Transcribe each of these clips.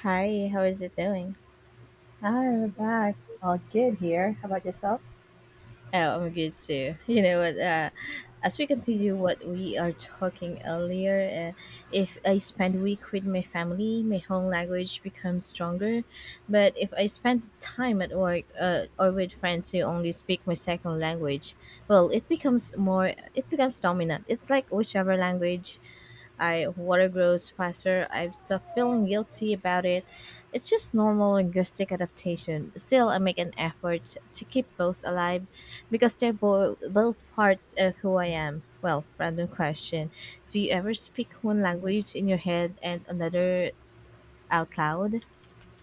Hi, how is it going? Hi, we're back. All good here. How about yourself? Oh, I'm good too. You know what? As we continue what we are talking earlier, if I spend week with my family, my home language becomes stronger. But if I spend time at work or with friends who only speak my second language, well, it becomes more. It becomes dominant. It's like whichever language I water grows faster. I stop feeling guilty about it. It's just normal linguistic adaptation. Still, I make an effort to keep both alive because they're both parts of who I am. Well, random question. Do you ever speak one language in your head and another out loud?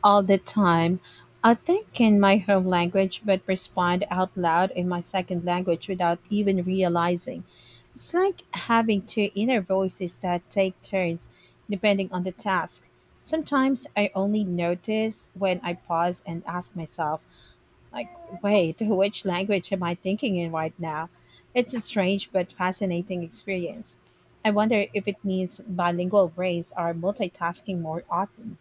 All the time. I think in my home language, but respond out loud in my second language without even realizing. It's like having two inner voices that take turns depending on the task. Sometimes I only notice when I pause and ask myself, like, wait, which language am I thinking in right now? It's a strange but fascinating experience. I wonder if it means bilingual brains are multitasking more often.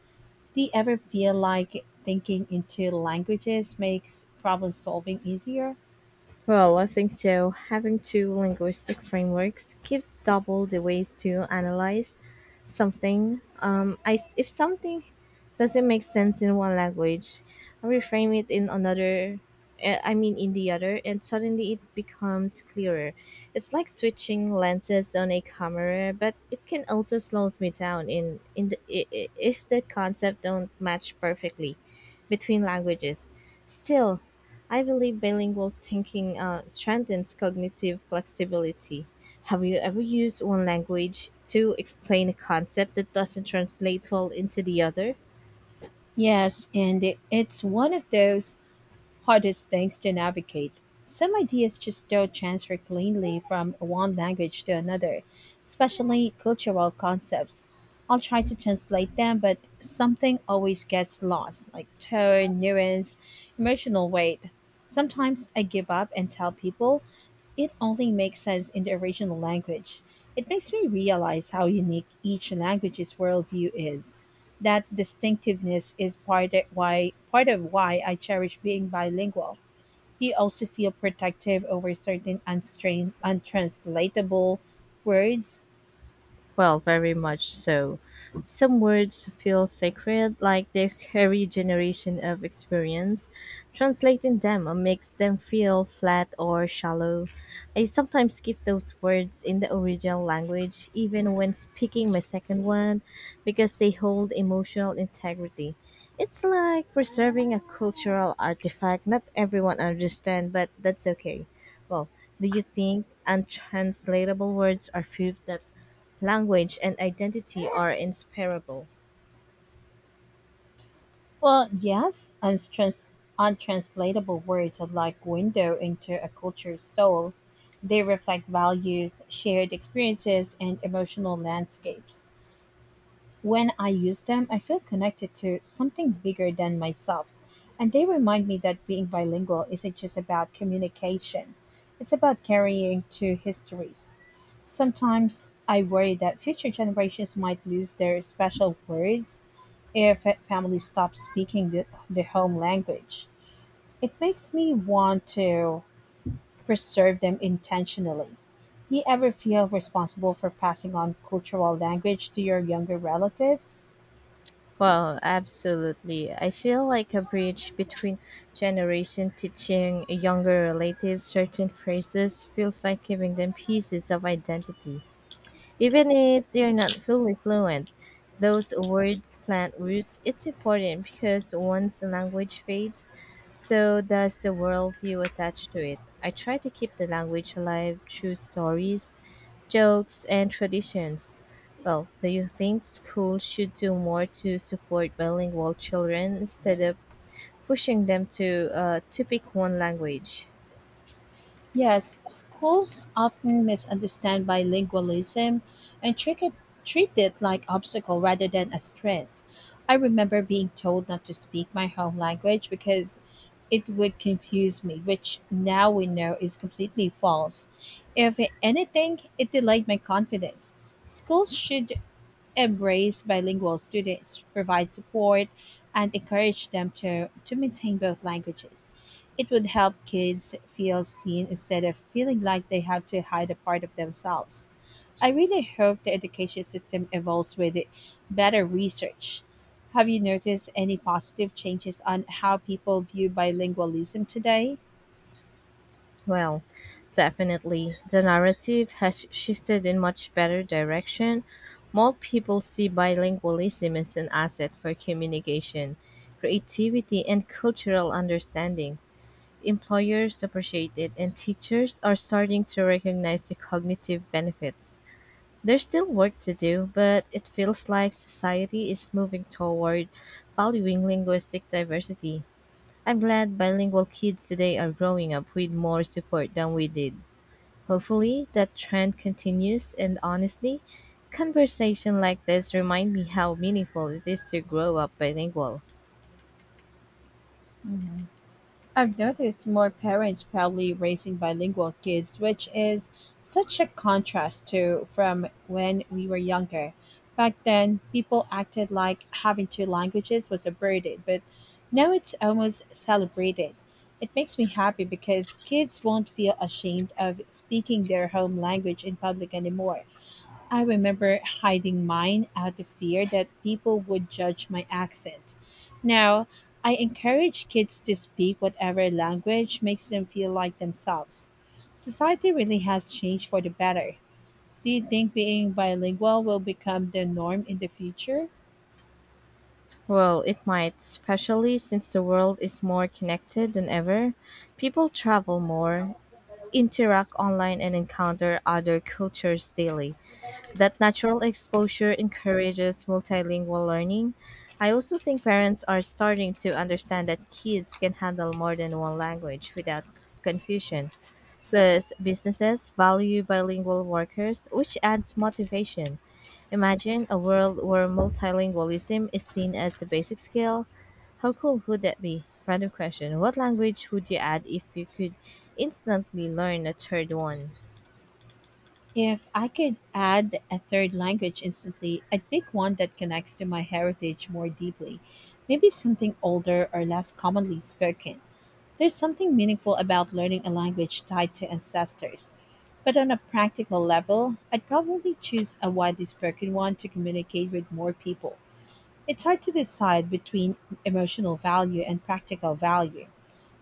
Do you ever feel like thinking in two languages makes problem solving easier? Well, I think so. Having two linguistic frameworks gives double the ways to analyze something. I s If something doesn't make sense in one language, I reframe it in another. In the other, and suddenly it becomes clearer. It's like switching lenses on a camera, but it can also slows me down in the, I- if the concept don't match perfectly between languages. Still, I believe bilingual thinking strengthens cognitive flexibility. Have you ever used one language to explain a concept that doesn't translate well into the other? Yes, and it's one of those hardest things to navigate. Some ideas just don't transfer cleanly from one language to another, especially cultural concepts. I'll try to translate them, but something always gets lost, like tone, nuance, emotional weight. Sometimes I give up and tell people it only makes sense in the original language. It makes me realize how unique each language's worldview is. That distinctiveness is part of why I cherish being bilingual. Do you also feel protective over certain untranslatable words? Well, very much so. Some words feel sacred, like they carry generation of experience. Translating them makes them feel flat or shallow. I sometimes keep those words in the original language, even when speaking my second one, because they hold emotional integrity. It's like preserving a cultural artifact not everyone understands, but that's okay. Well, do you think untranslatable words are proof that language and identity are inseparable? Well, yes, untranslatable words are like window into a culture's soul. They reflect values, shared experiences, and emotional landscapes. When I use them, I feel connected to something bigger than myself, and they remind me that being bilingual isn't just about communication, it's about carrying two histories. Sometimes I worry that future generations might lose their special words if a family stops speaking the home language. It makes me want to preserve them intentionally. Do you ever feel responsible for passing on cultural language to your younger relatives? Well, absolutely. I feel like a bridge between generation teaching younger relatives certain phrases feels like giving them pieces of identity. Even if they're not fully fluent, those words plant roots. It's important because once the language fades, so does the worldview attached to it. I try to keep the language alive through stories, jokes, and traditions. Well, do you think schools should do more to support bilingual children instead of pushing them to pick one language? Yes, schools often misunderstand bilingualism and trick it, treat it like obstacle rather than a strength. I remember being told not to speak my home language because it would confuse me, which now we know is completely false. If anything, it delayed my confidence. Schools should embrace bilingual students, provide support, and encourage them to maintain both languages. It would help kids feel seen instead of feeling like they have to hide a part of themselves. I really hope the education system evolves with better research. Have you noticed any positive changes on how people view bilingualism today? Well, definitely. The narrative has shifted in much better direction. More people see bilingualism as an asset for communication, creativity, and cultural understanding. Employers appreciate it, and teachers are starting to recognize the cognitive benefits. There's still work to do, but it feels like society is moving toward valuing linguistic diversity. I'm glad bilingual kids today are growing up with more support than we did. Hopefully that trend continues and honestly, conversation like this remind me how meaningful it is to grow up bilingual. I've noticed more parents proudly raising bilingual kids, which is such a contrast to from when we were younger. Back then, people acted like having two languages was a burden, but now it's almost celebrated. It makes me happy because kids won't feel ashamed of speaking their home language in public anymore. I remember hiding mine out of fear that people would judge my accent. Now, I encourage kids to speak whatever language makes them feel like themselves. Society really has changed for the better. Do you think being bilingual will become the norm in the future? Well, it might, especially since the world is more connected than ever. People travel more, interact online and encounter other cultures daily. That natural exposure encourages multilingual learning. I also think parents are starting to understand that kids can handle more than one language without confusion. Plus, businesses value bilingual workers, which adds motivation. Imagine a world where multilingualism is seen as a basic skill. How cool would that be? Random question. What language would you add if you could instantly learn a third one? If I could add a third language instantly, I'd pick one that connects to my heritage more deeply, maybe something older or less commonly spoken. There's something meaningful about learning a language tied to ancestors. But on a practical level, I'd probably choose a widely spoken one to communicate with more people. It's hard to decide between emotional value and practical value.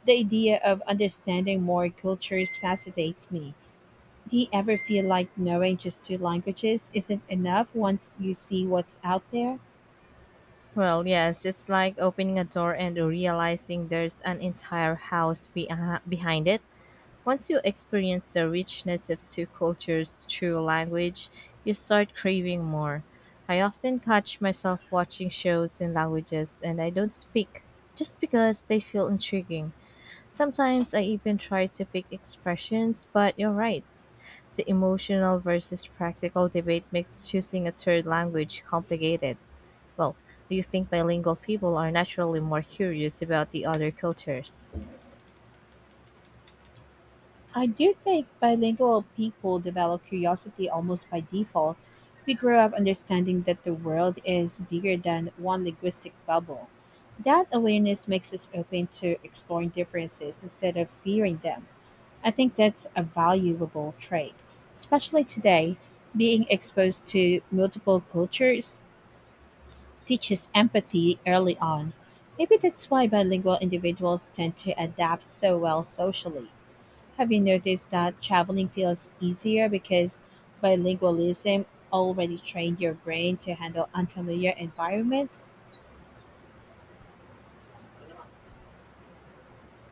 The idea of understanding more cultures fascinates me. Do you ever feel like knowing just two languages isn't enough once you see what's out there? Well, yes, it's like opening a door and realizing there's an entire house behind it. Once you experience the richness of two cultures through language, you start craving more. I often catch myself watching shows in languages and I don't speak just because they feel intriguing. Sometimes I even try to pick expressions, but you're right. The emotional versus practical debate makes choosing a third language complicated. Well, do you think bilingual people are naturally more curious about the other cultures? I do think bilingual people develop curiosity almost by default. We grow up understanding that the world is bigger than one linguistic bubble. That awareness makes us open to exploring differences instead of fearing them. I think that's a valuable trait. Especially today, being exposed to multiple cultures teaches empathy early on. Maybe that's why bilingual individuals tend to adapt so well socially. Have you noticed that traveling feels easier because bilingualism already trained your brain to handle unfamiliar environments?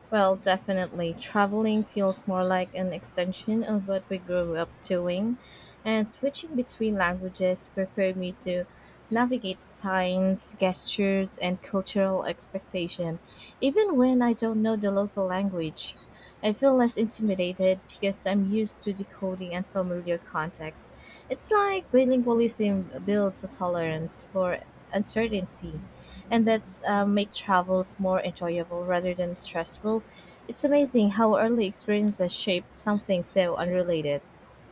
Well, definitely. Traveling feels more like an extension of what we grew up doing, and switching between languages prepared me to navigate signs, gestures, and cultural expectation, even when I don't know the local language. I feel less intimidated because I'm used to decoding unfamiliar contexts. It's like bilingualism builds a tolerance for uncertainty and that's make travels more enjoyable rather than stressful. It's amazing how early experiences shape something so unrelated.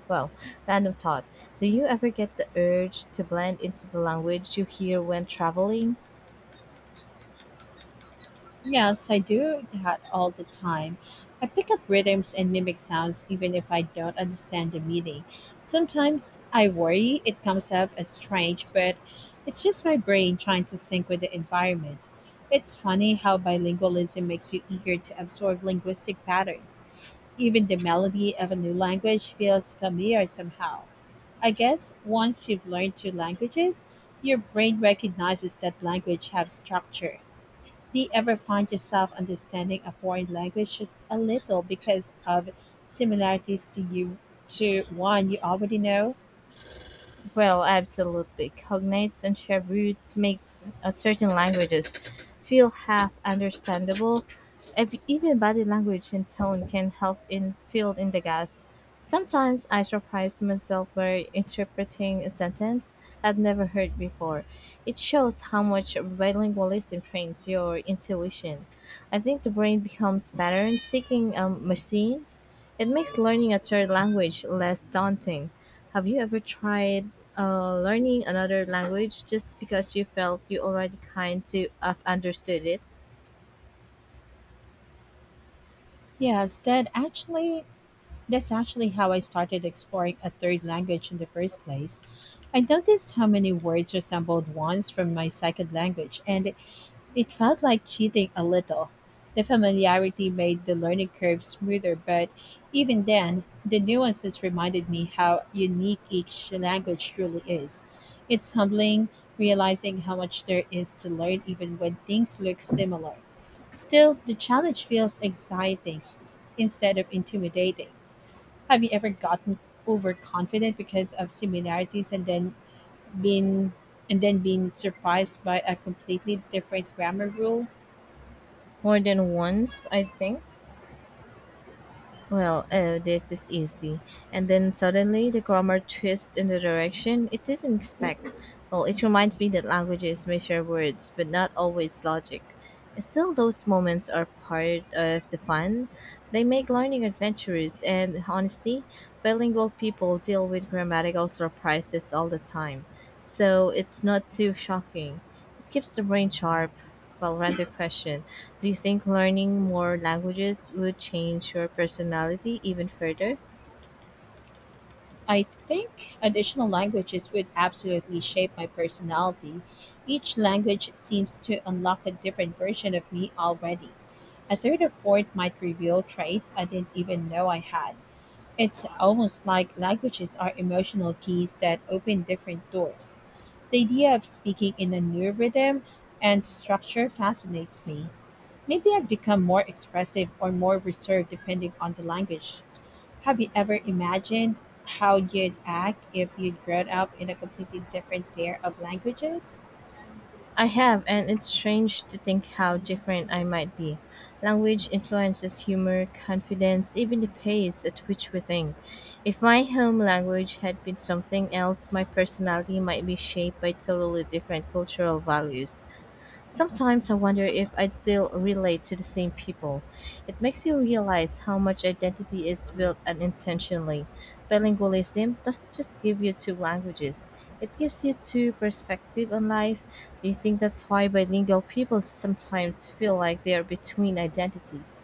Well, random thought. Do you ever get the urge to blend into the language you hear when traveling? Yes, I do that all the time. I pick up rhythms and mimic sounds even if I don't understand the meaning. Sometimes I worry it comes off as strange, but it's just my brain trying to sync with the environment. It's funny how bilingualism makes you eager to absorb linguistic patterns. Even the melody of a new language feels familiar somehow. I guess once you've learned two languages, your brain recognizes that language have structure. Do you ever find yourself understanding a foreign language just a little because of similarities to one you already know? Well, absolutely. Cognates and shared roots makes certain languages feel half understandable. Even body language and tone can help in fill in the gaps. Sometimes I surprise myself by interpreting a sentence I've never heard before. It shows how much bilingualism trains your intuition. I think the brain becomes pattern seeking a machine it makes learning a third language less daunting. Have you ever tried learning another language just because you felt you already kind to have understood it? Yes, that's actually how I started exploring a third language in the first place. I noticed how many words resembled ones from my second language, and it felt like cheating a little. The familiarity made the learning curve smoother, but even then, the nuances reminded me how unique each language truly is. It's humbling realizing how much there is to learn even when things look similar. Still, the challenge feels exciting instead of intimidating. Have you ever gotten overconfident because of similarities been and then been surprised by a completely different grammar rule? More than once, I think. Well, oh, this is easy. And then suddenly the grammar twists in the direction it didn't expect. Well, it reminds me that languages measure words, but not always logic. Still, those moments are part of the fun. They make learning adventurous, and honestly, bilingual people deal with grammatical surprises all the time. So it's not too shocking keeps the brain sharp. Well, random question. Do you think learning more languages would change your personality even further? I think additional languages would absolutely shape my personality. Each language seems to unlock a different version of me already. A third or fourth might reveal traits I didn't even know I had. It's almost like languages are emotional keys that open different doors. The idea of speaking in a new rhythm and structure fascinates me. Maybe I'd become more expressive or more reserved depending on the language. Have you ever imagined how you'd act if you'd grown up in a completely different pair of languages? I have, and it's strange to think how different I might be. Language influences humor, confidence, even the pace at which we think. If my home language had been something else, my personality might be shaped by totally different cultural values. Sometimes I wonder if I'd still relate to the same people. It makes you realize how much identity is built unintentionally. Bilingualism doesn't just give you two languages, it gives you two perspectives on life. Do you think that's why bilingual people sometimes feel like they're between identities?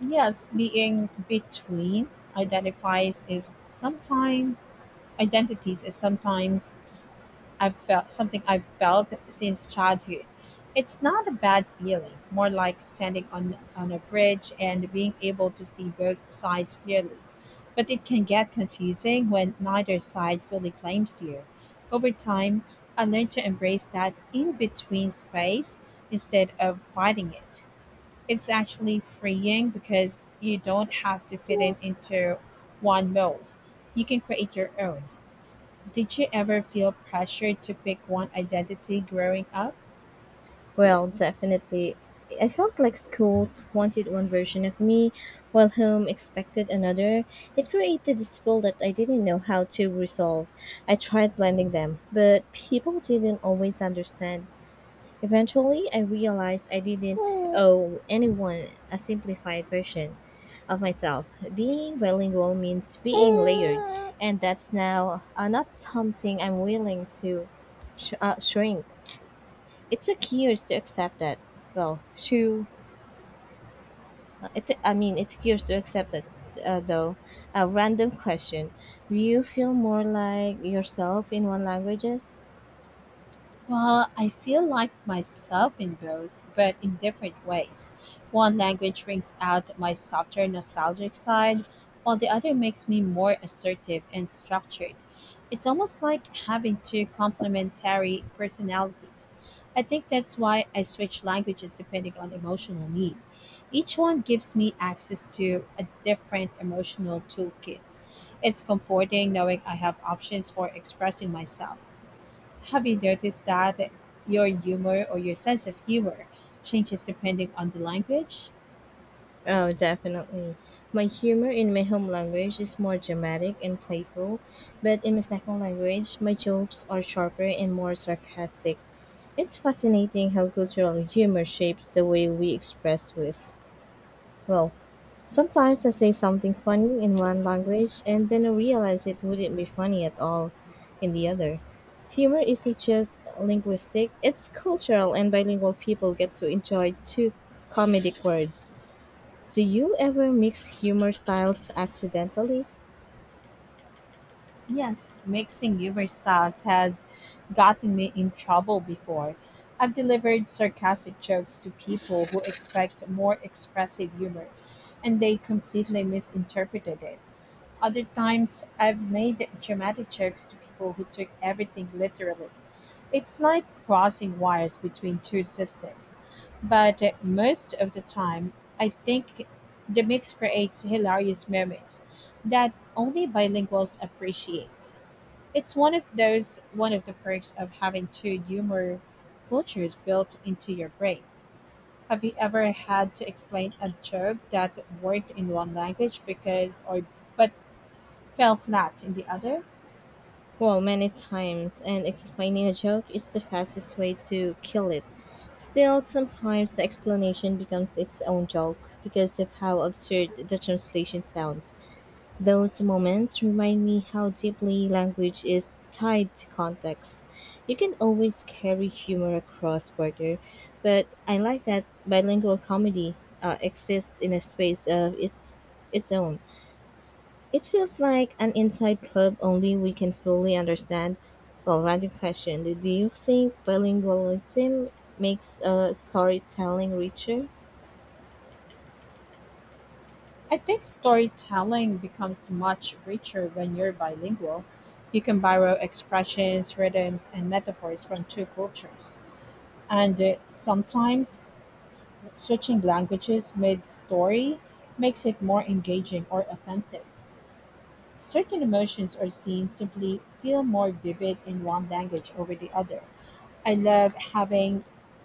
Yes, being between identifies is sometimes identities is sometimes I've felt since childhood. It's not a bad feeling, more like standing on a bridge and being able to see both sides clearly. But it can get confusing when neither side fully claims you. Over time, I learned to embrace that in between space instead of fighting it. It's actually freeing because you don't have to fit in into one mold. You can create your own. Did you ever feel pressured to pick one identity growing up? Well, definitely. I felt like schools wanted one version of me, while home expected another. It created this feel that I didn't know how to resolve. I tried blending them, but people didn't always understand. Eventually, I realized I didn't owe anyone a simplified version of myself. Being bilingual means being layered, and that's now not something I'm willing to shrink. It took years to accept that. Well, true. It took years to accept that, though. A random question. Do you feel more like yourself in one languages? Well, I feel like myself in both, but in different ways. One language brings out my softer, nostalgic side, while the other makes me more assertive and structured. It's almost like having two complementary personalities. I think that's why I switch languages depending on emotional need. Each one gives me access to a different emotional toolkit. It's comforting knowing I have options for expressing myself. Have you noticed that your sense of humor changes depending on the language? Oh, definitely. My humor in my home language is more dramatic and playful, but in my second language, my jokes are sharper and more sarcastic. It's fascinating how cultural humor shapes the way we express with. Well, sometimes I say something funny in one language and then I realize it wouldn't be funny at all in the other. Humor isn't just linguistic, it's cultural, and bilingual people get to enjoy two comedic words. Do you ever mix humor styles accidentally? Yes, mixing humor styles has gotten me in trouble before. I've delivered sarcastic jokes to people who expect more expressive humor, and they completely misinterpreted it. Other times, I've made dramatic jokes to people who took everything literally. It's like crossing wires between two systems, but most of the time, I think the mix creates hilarious moments that only bilinguals appreciate. It's one of the perks of having two humor cultures built into your brain. Have you ever had to explain a joke that worked in one language because or but fell flat in the other? Well, many times, and explaining a joke is the fastest way to kill it. Still, sometimes the explanation becomes its own joke because of how absurd the translation sounds. Those moments remind me how deeply language is tied to context. You can always carry humor across border, but I like that bilingual comedy exists in a space of its own. It feels like an inside club only we can fully understand. Well, random question: do you think bilingualism makes storytelling richer? I think storytelling becomes much richer when you're bilingual. You can borrow expressions, rhythms, and metaphors from two cultures. And sometimes switching languages mid story makes it more engaging or authentic. Certain emotions or scenes simply feel more vivid in one language over the other. I love having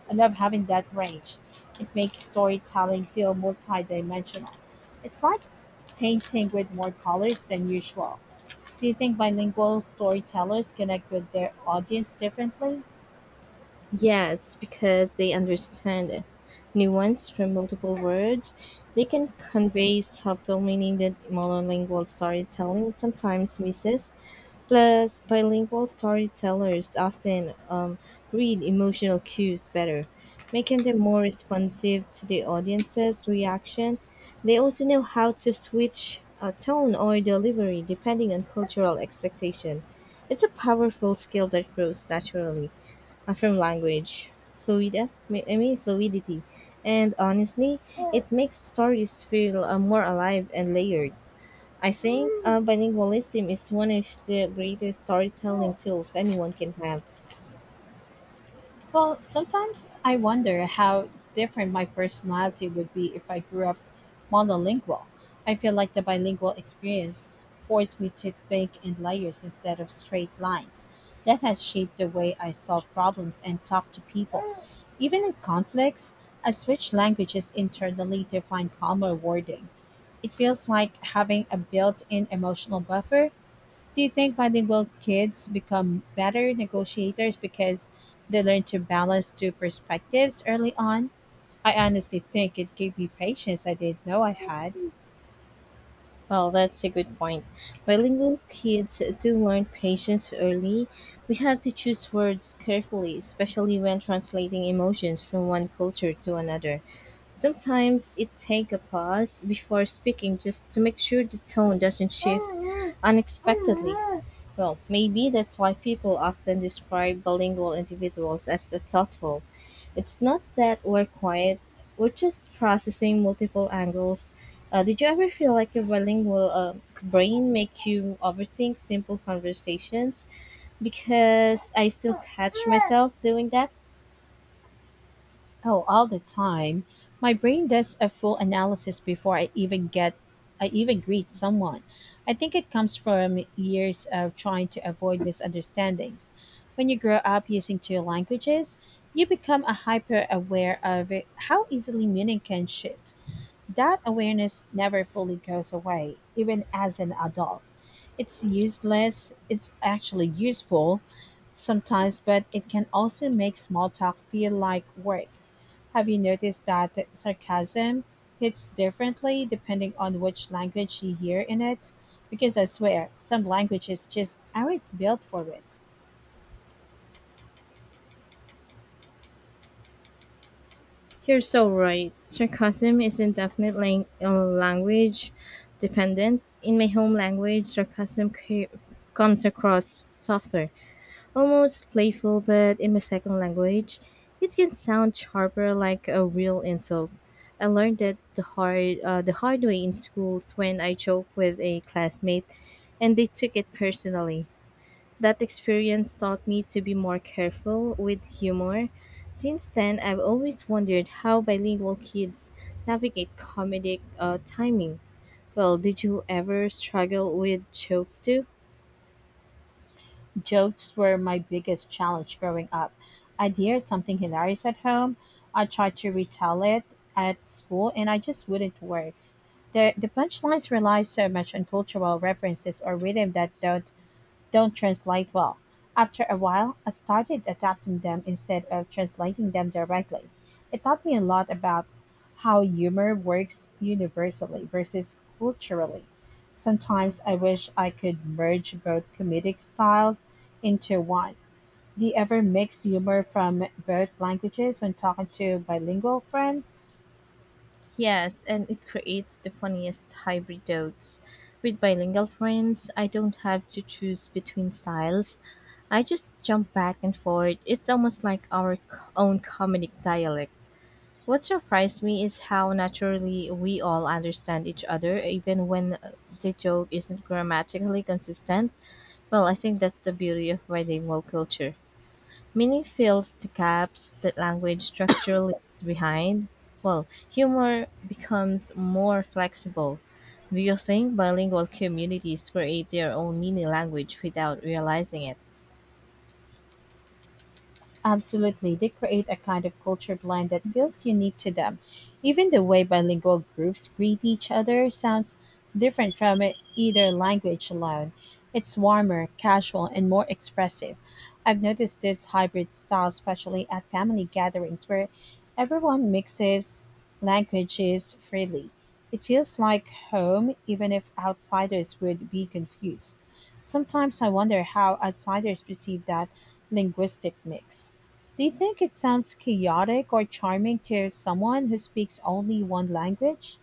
I love having that range. It makes storytelling feel multidimensional. It's like painting with more colors than usual. Do you think bilingual storytellers connect with their audience differently? Yes, because they understand it, nuance from multiple words. They can convey subtle meaning that monolingual storytelling sometimes misses. Plus, bilingual storytellers often read emotional cues better, making them more responsive to the audience's reaction. They also know how to switch tone or delivery depending on cultural expectation. It's a powerful skill that grows naturally from language fluida mi- I mean fluidity, and honestly it makes stories feel more alive and layered. I think bilingualism is one of the greatest storytelling tools anyone can have. Well, sometimes I wonder how different my personality would be if I grew up monolingual. I feel like the bilingual experience forced me to think in layers instead of straight lines. That has shaped the way I solve problems and talk to people. Even in conflicts, I switch languages internally to find calmer wording. It feels like having a built in emotional buffer. Do you think bilingual kids become better negotiators because they learn to balance two perspectives early on? I honestly think it gave me patience I didn't know I had. Well, that's a good point. Bilingual kids do learn patience early. We have to choose words carefully, especially when translating emotions from one culture to another. Sometimes it takes a pause before speaking just to make sure the tone doesn't shift unexpectedly. Well, maybe that's why people often describe bilingual individuals as a thoughtful. It's not that we're quiet, we're just processing multiple angles. Did you ever feel like your bilingual brain make you overthink simple conversations? Because I still catch myself doing that. Oh, all the time. My brain does a full analysis before I even greet someone. I think it comes from years of trying to avoid misunderstandings. When you grow up using two languages, you become a hyper aware of how easily meaning can shift. That awareness never fully goes away, even as an adult. It's actually useful sometimes, but it can also make small talk feel like work. Have you noticed that sarcasm hits differently depending on which language you hear in it? Because I swear, some languages just aren't built for it. You're so right. Sarcasm isn't definitely language dependent. In my home language, comes across softer, almost playful, but in my second language, it can sound sharper like a real insult. I learned that the hard way in schools when I joked with a classmate and they took it personally. That experience taught me to be more careful with humor. Since then, I've always wondered how bilingual kids navigate comedic timing. Well, did you ever struggle with jokes too? Jokes were my biggest challenge growing up. I'd hear something hilarious at home, I'd try to retell it at school, and I just wouldn't work. The punchlines rely so much on cultural references or rhythm that don't translate well. After a while, I started adapting them instead of translating them directly. It taught me a lot about how humor works universally versus culturally. Sometimes I wish I could merge both comedic styles into one. Do you ever mix humor from both languages when talking to bilingual friends? Yes, and it creates the funniest hybrid jokes. With bilingual friends, I don't have to choose between styles. I just jump back and forth. It's almost like our own comedic dialect. What surprised me is how naturally we all understand each other, even when the joke isn't grammatically consistent. Well, I think that's the beauty of bilingual culture. Meaning fills the gaps that language structure leaves behind. Well, humor becomes more flexible. Do you think bilingual communities create their own mini language without realizing it? Absolutely. They create a kind of culture blend that feels unique to them. Even the way bilingual groups greet each other sounds different from either language alone. It's warmer, casual, and more expressive. I've noticed this hybrid style, especially at family gatherings where everyone mixes languages freely. It feels like home, even if outsiders would be confused. Sometimes I wonder how outsiders perceive that linguistic mix. Do you think it sounds chaotic or charming to someone who speaks only one language?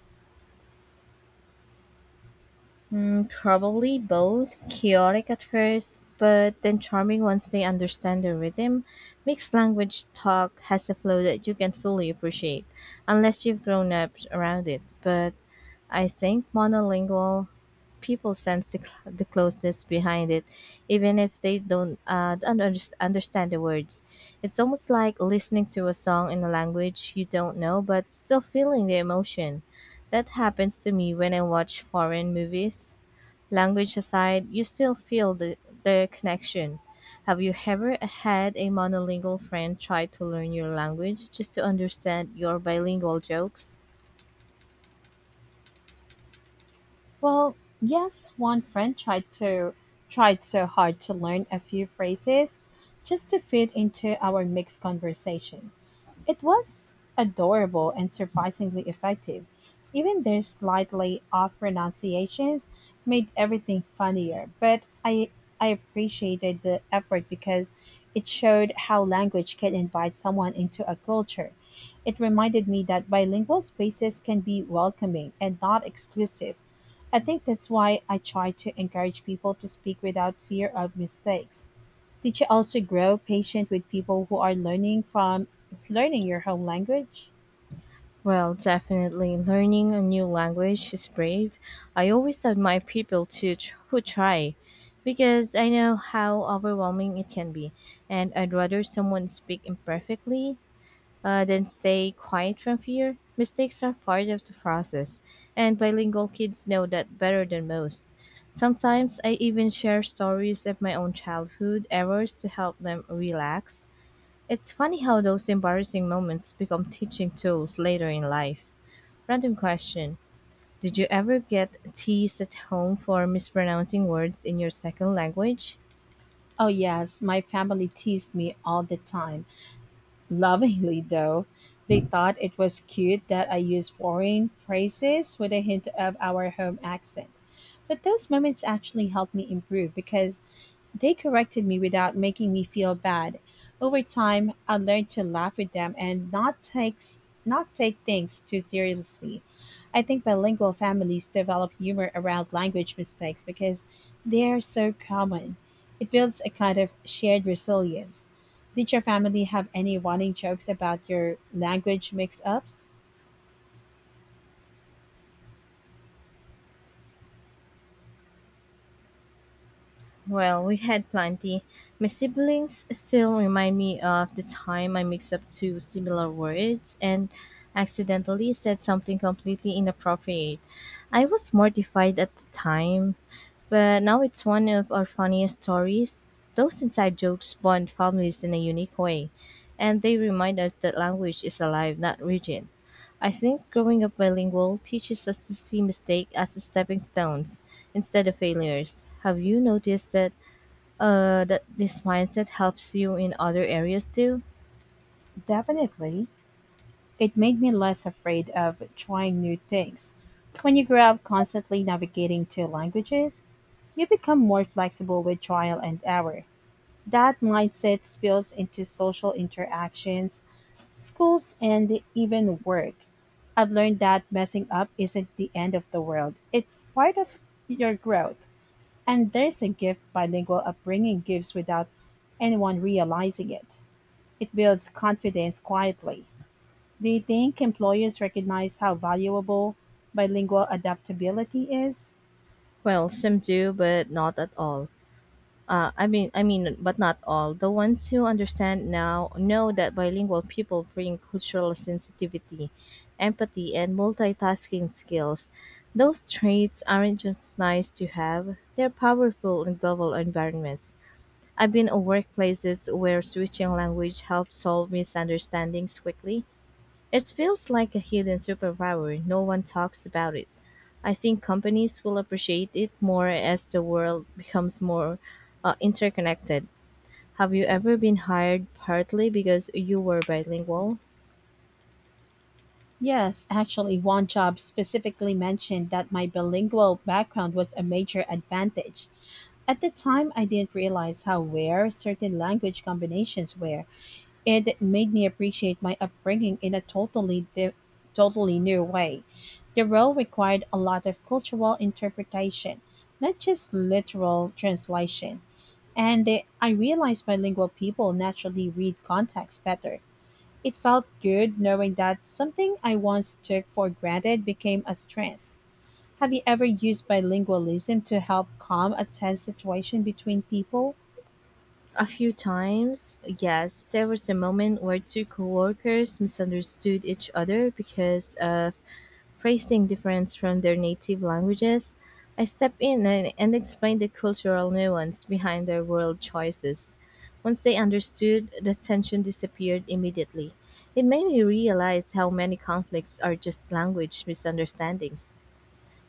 Mm, probably both. Chaotic at first, but then charming once they understand the rhythm. Mixed language talk has a flow that you can fully appreciate, unless you've grown up around it. But I think monolingual people sense the closeness behind it, even if they don't understand the words. It's almost like listening to a song in a language you don't know, but still feeling the emotion. That happens to me when I watch foreign movies. Language aside, you still feel the connection. Have you ever had a monolingual friend try to learn your language just to understand your bilingual jokes? Well, yes, one friend tried so hard to learn a few phrases just to fit into our mixed conversation. It was adorable and surprisingly effective. Even their slightly off pronunciations made everything funnier, but I appreciated the effort because it showed how language can invite someone into a culture. It reminded me that bilingual spaces can be welcoming and not exclusive. I think that's why I try to encourage people to speak without fear of mistakes. Did you also grow patient with people who are learning your home language? Well, definitely. Learning a new language is brave. I always admire who try because I know how overwhelming it can be, and I'd rather someone speak imperfectly than stay quiet from fear. Mistakes are part of the process, and bilingual kids know that better than most. Sometimes I even share stories of my own childhood errors to help them relax. It's funny how those embarrassing moments become teaching tools later in life. Random question. Did you ever get teased at home for mispronouncing words in your second language? Oh yes, my family teased me all the time. Lovingly, though, they thought it was cute that I used foreign phrases with a hint of our home accent. But those moments actually helped me improve because they corrected me without making me feel bad. Over time, I learned to laugh with them and not take things too seriously. I think bilingual families develop humor around language mistakes because they are so common. It builds a kind of shared resilience. Did your family have any running jokes about your language mix ups? Well, we had plenty. My siblings still remind me of the time I mixed up two similar words and accidentally said something completely inappropriate. I was mortified at the time, but now it's one of our funniest stories. Those inside jokes bond families in a unique way, and they remind us that language is alive, not rigid. I think growing up bilingual teaches us to see mistake as stepping stones instead of failures. Have you noticed that this mindset helps you in other areas too? Definitely. It made me less afraid of trying new things. When you grow up constantly navigating two languages, you become more flexible with trial and error. That mindset spills into social interactions, schools, and even work. I've learned that messing up isn't the end of the world, it's part of your growth. And there's a gift bilingual upbringing gives without anyone realizing it. It builds confidence quietly. Do you think employers recognize how valuable bilingual adaptability is? Well, some do, but not at all. I mean, but not all. The ones who understand now know that bilingual people bring cultural sensitivity, empathy, and multitasking skills. Those traits aren't just nice to have; they're powerful in global environments. I've been in workplaces where switching language helped solve misunderstandings quickly. It feels like a hidden superpower, no one talks about it. I think companies will appreciate it more as the world becomes more interconnected. Have you ever been hired partly because you were bilingual? Yes, actually, one job specifically mentioned that my bilingual background was a major advantage. At the time, I didn't realize how rare certain language combinations were. It made me appreciate my upbringing in a totally new way. The role required a lot of cultural interpretation, not just literal translation. And I realized bilingual people naturally read context better. It felt good knowing that something I once took for granted became a strength. Have you ever used bilingualism to help calm a tense situation between people? A few times, yes. There was a moment where two coworkers misunderstood each other because of phrasing difference from their native languages. I stepped in and explained the cultural nuance behind their word choices. Once they understood, the tension disappeared immediately. It made me realize how many conflicts are just language misunderstandings.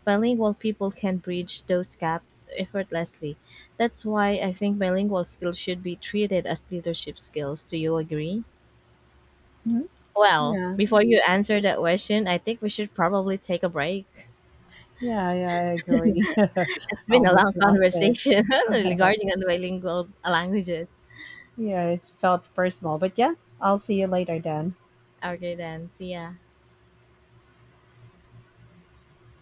Bilingual people can bridge those gaps effortlessly. That's why I think bilingual skills should be treated as leadership skills. Do you agree? Mhm. Well, Yeah. before you answer that question, I think we should probably take a break. Yeah, yeah, I agree. I It's been a long almost lost it. conversation regarding on bilingual languages. Yeah, it felt personal. But yeah, I'll see you later then. Okay, then. See ya.